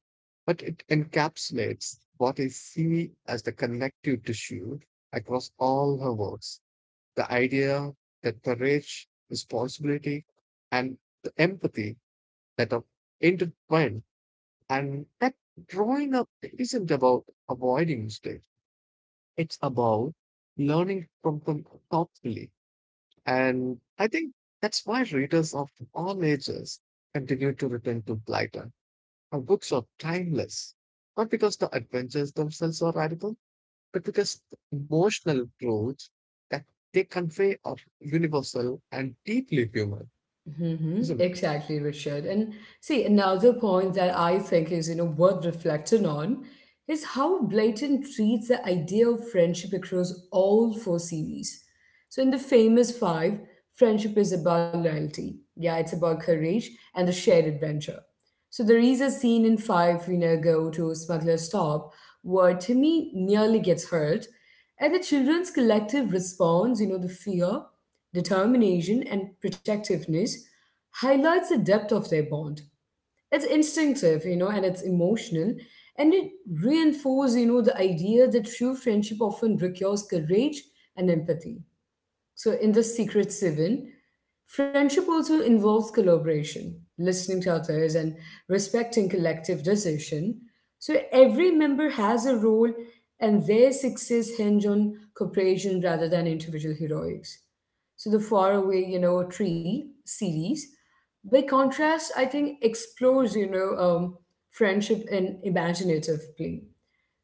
S2: but it encapsulates what I see as the connective tissue across all her works. The idea that courage, responsibility, and the empathy that are intertwined, and that growing up isn't about avoiding mistakes. It's about learning from them thoughtfully. And I think that's why readers of all ages continue to return to Blyton. Our books are timeless, not because the adventures themselves are radical, but because emotional truths that they convey are universal and deeply human,
S1: Mm-hmm.
S2: isn't it?
S1: Exactly, Richard. And see, another point that I think is, worth reflecting on is how Blayton treats the idea of friendship across all four series. So in the famous five, friendship is about loyalty. Yeah, it's about courage and the shared adventure. So there is a scene in Five, go to Smuggler's Stop where Timmy nearly gets hurt, and the children's collective response, you know, the fear, determination, and protectiveness highlights the depth of their bond. It's instinctive, you know, and it's emotional, and it reinforces, the idea that true friendship often requires courage and empathy. So, in the Secret Seven, friendship also involves collaboration, listening to others, and respecting collective decision. So, every member has a role, and their success hinge on cooperation rather than individual heroics. So, the Faraway, Tree series, by contrast, I think explores, friendship in imaginative play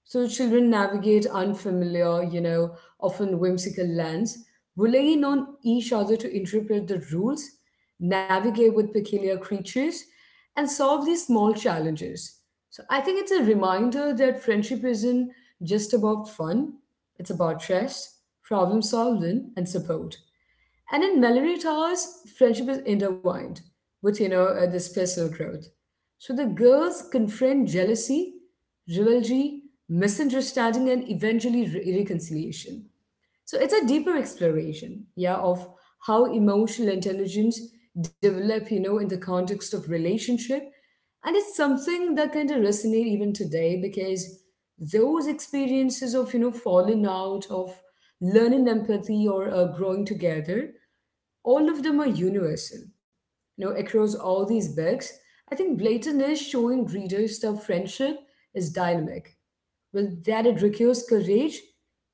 S1: so children navigate unfamiliar, you know, often whimsical lands, relying on each other to interpret the rules, navigate with peculiar creatures, and solve these small challenges. So I think it's a reminder that friendship isn't just about fun, it's about trust, problem solving, and support. And in Mallory Towers, friendship is intertwined with, this personal growth. So the girls confront jealousy, rivalry, misunderstanding, and eventually reconciliation. So it's a deeper exploration, yeah, of how emotional intelligence develop, in the context of relationship. And it's something that kind of resonate even today because those experiences of, falling out, of learning empathy or growing together all of them are universal. You know, across all these books, I think Blayton is showing readers that friendship is dynamic. Well, that it requires courage,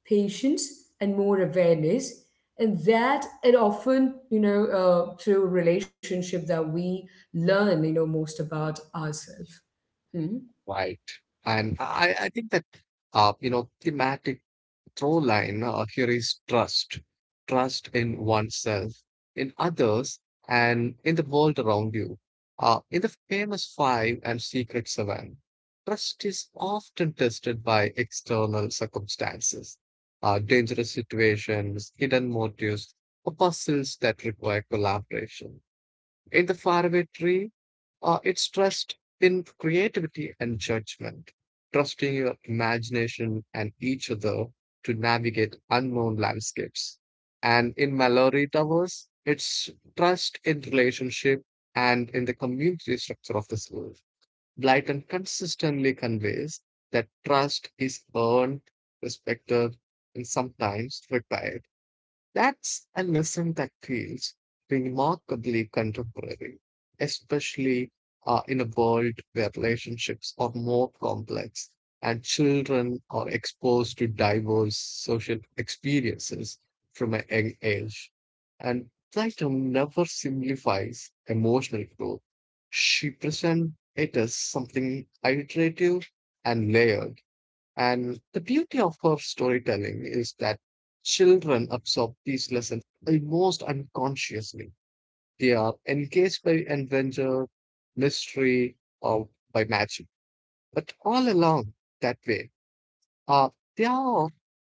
S1: patience, and more awareness, and that it often, through relationship that we learn, most about ourselves. Hmm.
S2: Right. And I think that, thematic through line here is trust trust in oneself, in others, and in the world around you. In the famous Five and Secret Seven, trust is often tested by external circumstances, dangerous situations, hidden motives, or puzzles that require collaboration. In the faraway tree, it's trust in creativity and judgment, trusting your imagination and each other to navigate unknown landscapes. And in Mallory Towers, it's trust in relationship and in the community structure of the school. Blyton consistently conveys that trust is earned, respected, and sometimes required. That's a lesson that feels remarkably contemporary, especially in a world where relationships are more complex and children are exposed to diverse social experiences from a young age. And Plato never simplifies emotional growth. She presents it as something iterative and layered and the beauty of her storytelling is that children absorb these lessons almost unconsciously. They are engaged by adventure, mystery, or by magic. But all along that way, uh, they are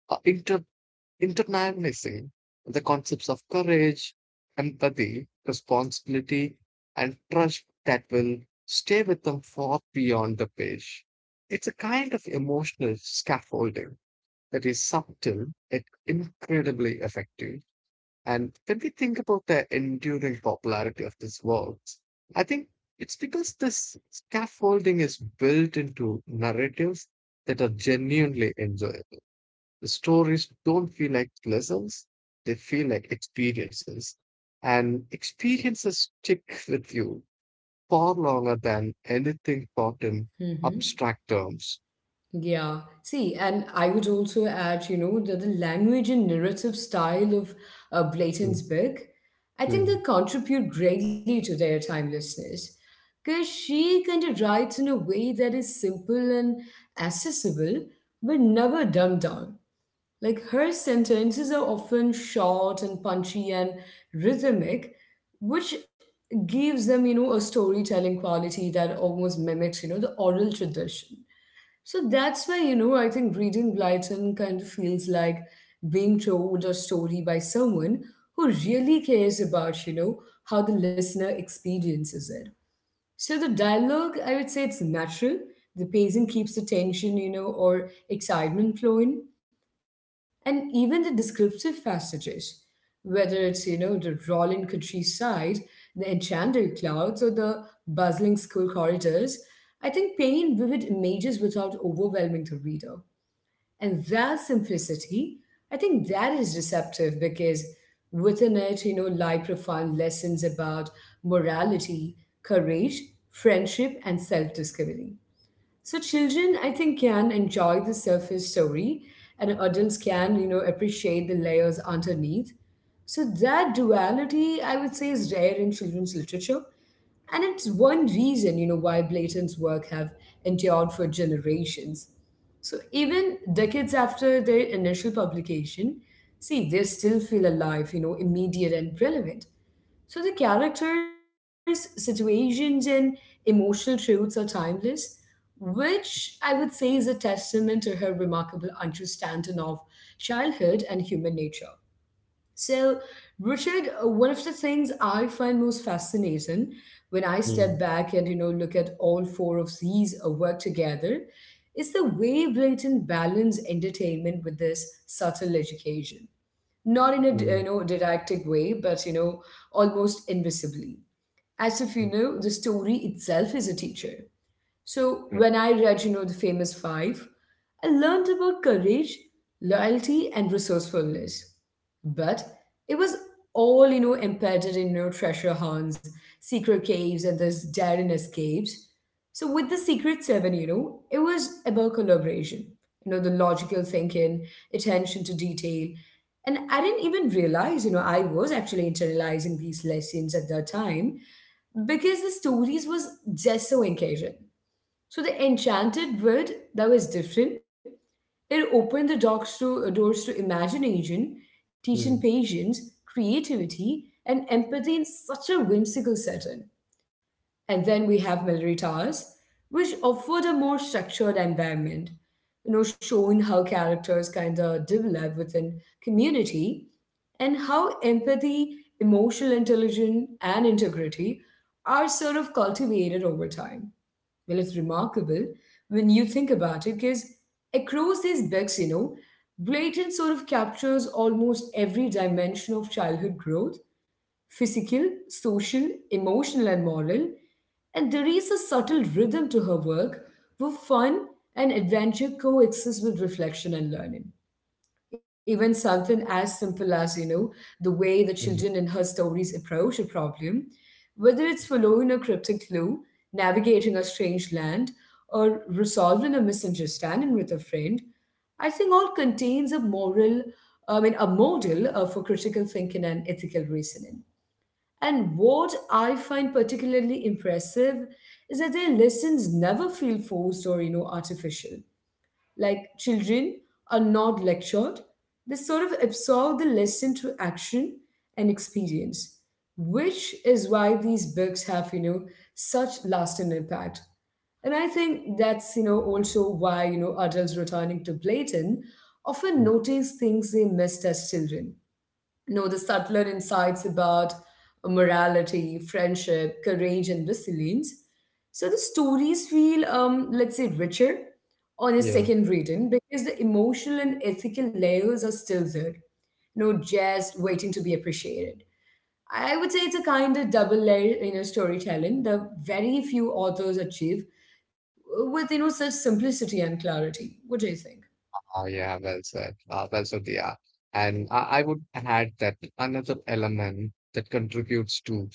S2: uh, inter- internalizing the concepts of courage, empathy, responsibility, and trust that will stay with them far beyond the page. It's a kind of emotional scaffolding that is subtle yet incredibly effective. And when we think about the enduring popularity of these works, I think it's because this scaffolding is built into narratives that are genuinely enjoyable. The stories don't feel like lessons, they feel like experiences. And experiences stick with you far longer than anything taught in
S1: Mm-hmm.
S2: abstract terms.
S1: Yeah. See, and I would also add, that the language and narrative style of
S2: Mm,
S1: Blayton's book, I think
S2: mm,
S1: they contribute greatly to their timelessness. Because she kind of writes in a way that is simple and accessible, but never dumbed down. Like her sentences are often short and punchy and rhythmic, which gives them, a storytelling quality that almost mimics, the oral tradition. So that's why, I think reading Blyton kind of feels like being told a story by someone who really cares about, how the listener experiences it. So the dialogue, I would say it's natural. The pacing keeps the tension, or excitement flowing. And even the descriptive passages, whether it's, the rolling countryside, the enchanted clouds, or the bustling school corridors, I think paint vivid images without overwhelming the reader. And that simplicity, I think that is deceptive because within it, lie profound lessons about morality, courage, friendship, and self discovery. So children, I think, can enjoy the surface story and adults can, appreciate the layers underneath. So that duality, I would say, is rare in children's literature and it's one reason, why Blayton's work have endured for generations. So even decades after their initial publication, see, they still feel alive, immediate and relevant. So the characters, situations, and emotional truths are timeless, which I would say is a testament to her remarkable understanding of childhood and human nature. So, Richard, one of the things I find most fascinating when I step
S2: mm,
S1: back and look at all four of these work together is the way Blinton balance entertainment with this subtle education. Not in a
S2: mm,
S1: didactic way, but almost invisibly, as if
S2: mm,
S1: the story itself is a teacher. So
S2: yeah,
S1: when I read, the famous five, I learned about courage, loyalty, and resourcefulness. But it was all, embedded in treasure hunts, secret caves, and those daring escapes. So with the Secret Seven, it was about collaboration, the logical thinking, attention to detail. And I didn't even realize, I was actually internalizing these lessons at that time because the stories was just so engaging. So the enchanted world that was different. It opened the doors to imagination, teaching
S2: mm.
S1: patience, creativity, and empathy in such a whimsical setting. And then we have military towers, which offered a more structured environment, showing how characters kind of develop within community and how empathy, emotional intelligence, and integrity are sort of cultivated over time. Well, it's remarkable when you think about it because across these books, Blatant sort of captures almost every dimension of childhood growth physical, social, emotional, and moral. And there is a subtle rhythm to her work where fun and adventure coexist with reflection and learning. Even something as simple as, the way the children
S2: Mm,
S1: in her stories approach a problem, whether it's following a cryptic clue, navigating a strange land, or resolving a misunderstanding with a friend, I think all contains a a model for critical thinking and ethical reasoning. And what I find particularly impressive is that their lessons never feel forced or, artificial. Like children are not lectured, they sort of absorb the lesson through action and experience, which is why these books have, such lasting impact. And I think that's, you know, also why, you know, adults returning to Blayton often
S2: mm,
S1: notice things they missed as children know the subtler insights about morality, friendship, courage, and resilience. So the stories feel, let's say, richer on a
S2: yeah.
S1: second reading because the emotional and ethical layers are still there, no just waiting to be appreciated. I would say it's a kind of double layer, storytelling that very few authors achieve with, such simplicity and clarity. What do you think?
S2: Oh, yeah. Well said. Well said, yeah. And I would add that another element that contributes to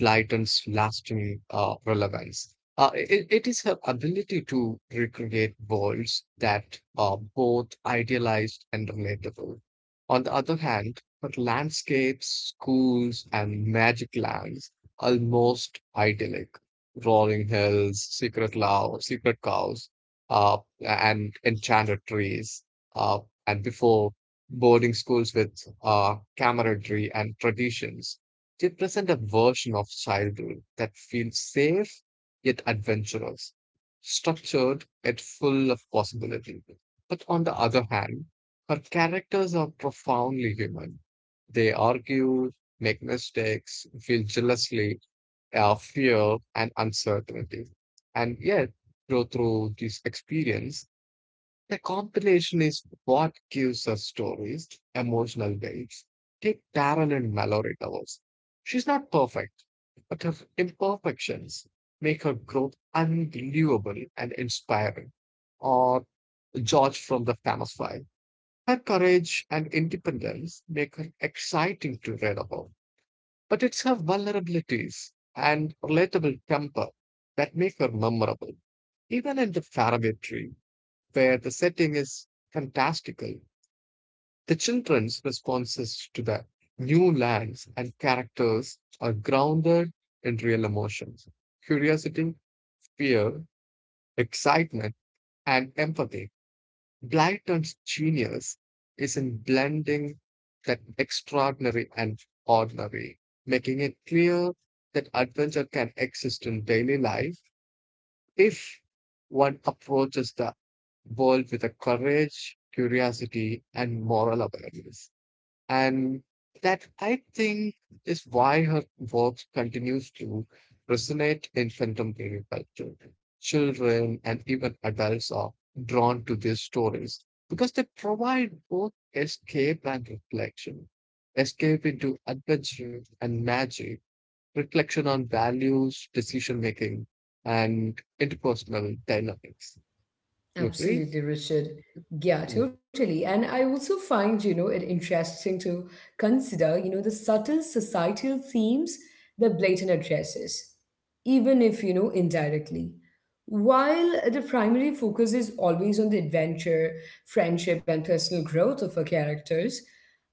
S2: Blyton's lasting relevance. It is her ability to recreate worlds that are both idealized and relatable. On the other hand, her landscapes, schools, and magic lands almost idyllic. Rolling hills, secret love, secret cows, and enchanted trees. Uh, and before boarding schools with camaraderie and traditions. They present a version of childhood that feels safe yet adventurous, structured yet full of possibility. But on the other hand, her characters are profoundly human. They argue, make mistakes, feel jealously, fear, and uncertainty, and yet grow through this experience the combination is what gives her stories emotional weights. Take Taryn and Mallory Towers. She's not perfect, but her imperfections make her growth unbelievable and inspiring. Or George from the Famous Five. Her courage and independence make her exciting to read about. But it's her vulnerabilities and relatable temper that make her memorable. Even in the Faraway Tree, where the setting is fantastical. The children's responses to the new lands and characters are grounded in real emotions curiosity, fear, excitement, and empathy. Blyton's genius is in blending that extraordinary and ordinary, making it clear that adventure can exist in daily life If one approaches the world with a courage, curiosity, and moral awareness. And that I think is why her work continues to resonate in contemporary culture. Children and even adults are drawn to these stories because they provide both escape and reflection, escape into adventure and magic reflection on values, decision making, and interpersonal dynamics. You agree?
S1: Absolutely, Richard. Yeah,
S2: Yeah.
S1: totally. And I also find, it interesting to consider, the subtle societal themes that Blayton addresses, even if, indirectly. While the primary focus is always on the adventure, friendship, and personal growth of her characters,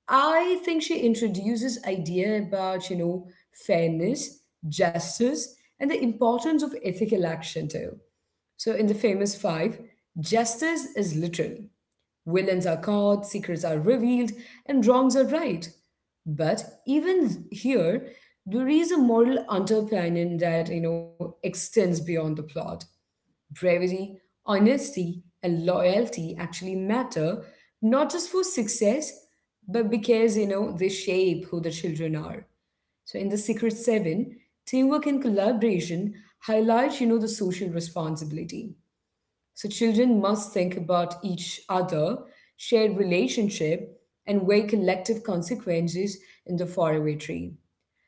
S1: I think she introduces idea about, fairness, justice, and the importance of ethical action too. So, in the famous five, justice is literal. Villains are caught, secrets are revealed, and wrongs are right. But even here, there is a moral underpinning that extends beyond the plot. Bravery, honesty, and loyalty actually matter not just for success, but because they shape who the children are. So in the Secret Seven, teamwork and collaboration highlight, the social responsibility. So children must think about each other, shared relationship, and weigh collective consequences in the faraway tree.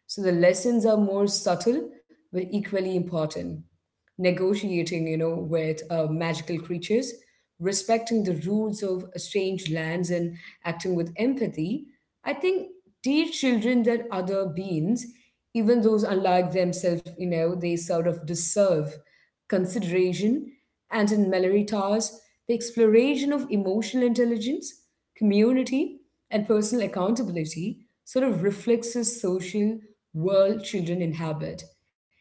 S1: So the lessons are more subtle but equally important. Negotiating, with magical creatures, respecting the rules of strange lands, and acting with empathy. I think teach children that other beings, even those unlike themselves, they sort of deserve consideration, and in Mallory Towers, the exploration of emotional intelligence, community, and personal accountability sort of reflects the social world children inhabit,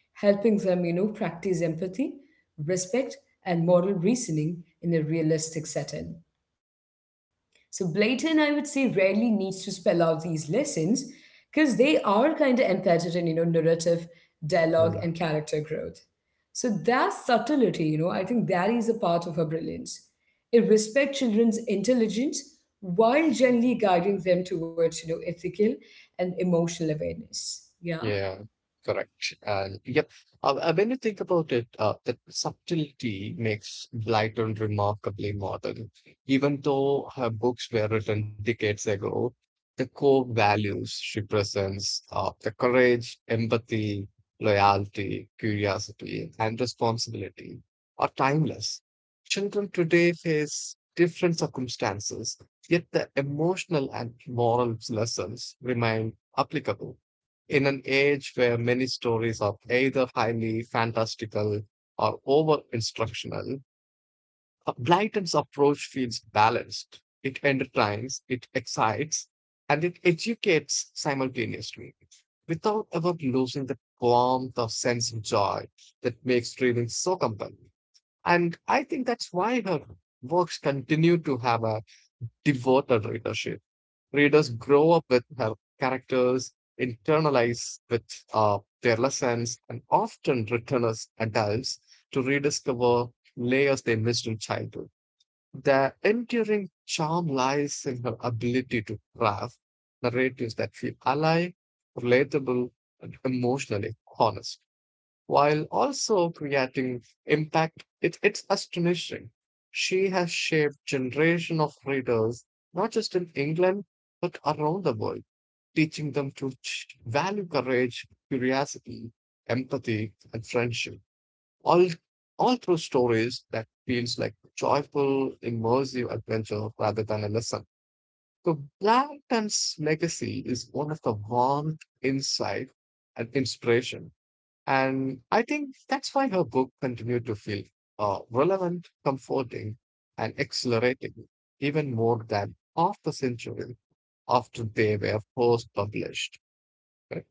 S1: helping them, practice empathy, respect, and moral reasoning in a realistic setting. So Blayton, I would say, rarely needs to spell out these lessons because they are kind of embedded in, narrative, dialogue, and character growth. So that subtlety, I think that is a part of her brilliance. It respects children's intelligence while gently guiding them towards, ethical and emotional awareness. Yeah.
S2: Yeah, correct. And yep, when you think about it, that subtlety makes Blyton remarkably modern. Even though her books were written decades ago, the core values she presents, the courage, empathy, loyalty, curiosity, and responsibility, are timeless. Children today face different circumstances, yet the emotional and moral lessons remain applicable. In an age where many stories are either highly fantastical or over instructional, Blyton's approach feels balanced. It entertains, it excites, and it educates simultaneously without ever losing the warmth of sense of joy that makes reading so compelling. And I think that's why her works continue to have a devoted readership. Readers grow up with her characters, internalize with their lessons, and often return as adults to rediscover layers they missed in childhood. The enduring charm lies in her ability to craft narratives that feel alive, relatable, and emotionally honest while also creating impact. It's astonishing. She has shaped generation of readers, not just in England, but around the world, teaching them to value courage, curiosity, empathy, and friendship, all, all through stories that feels like joyful, immersive adventure rather than a lesson. So Blanton's legacy is one of the warmth, insight, and inspiration and I think that's why her book continued to feel relevant, comforting, and exhilarating even more than half a century after they were first published. Right?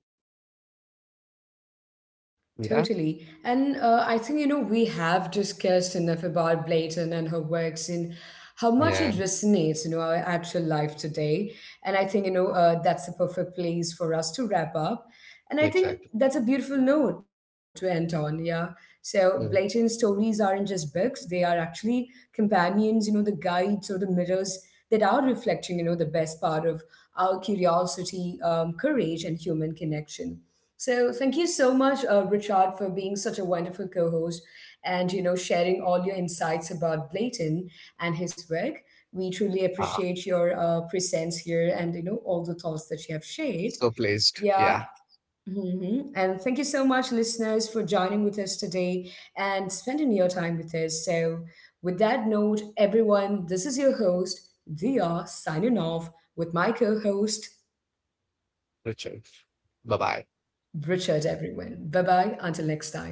S2: Yeah.
S1: Totally. And I think, we have discussed enough about Blayton and her works and how much it
S2: Yeah,
S1: resonates, our actual life today. And I think, that's a perfect place for us to wrap up. And I think
S2: exactly.
S1: that's a beautiful note to end on. Yeah. So Blayton's
S2: Mm.
S1: stories aren't just books, they are actually companions, the guides or the mirrors that are reflecting, the best part of our curiosity, courage, and human connection. So thank you so much, Richard, for being such a wonderful co-host and sharing all your insights about Blayton and his work. We truly
S2: Ah,
S1: appreciate your presence here and all the thoughts that you have shared.
S2: so pleased.
S1: Yeah.
S2: Yeah,
S1: Mhm. And thank you so much, listeners, for joining with us today and spending your time with us. So, with that note, everyone, this is your host, Dia, signing off with my co host,
S2: Richard. Bye bye.
S1: Richard, everyone. Bye bye. Until next time.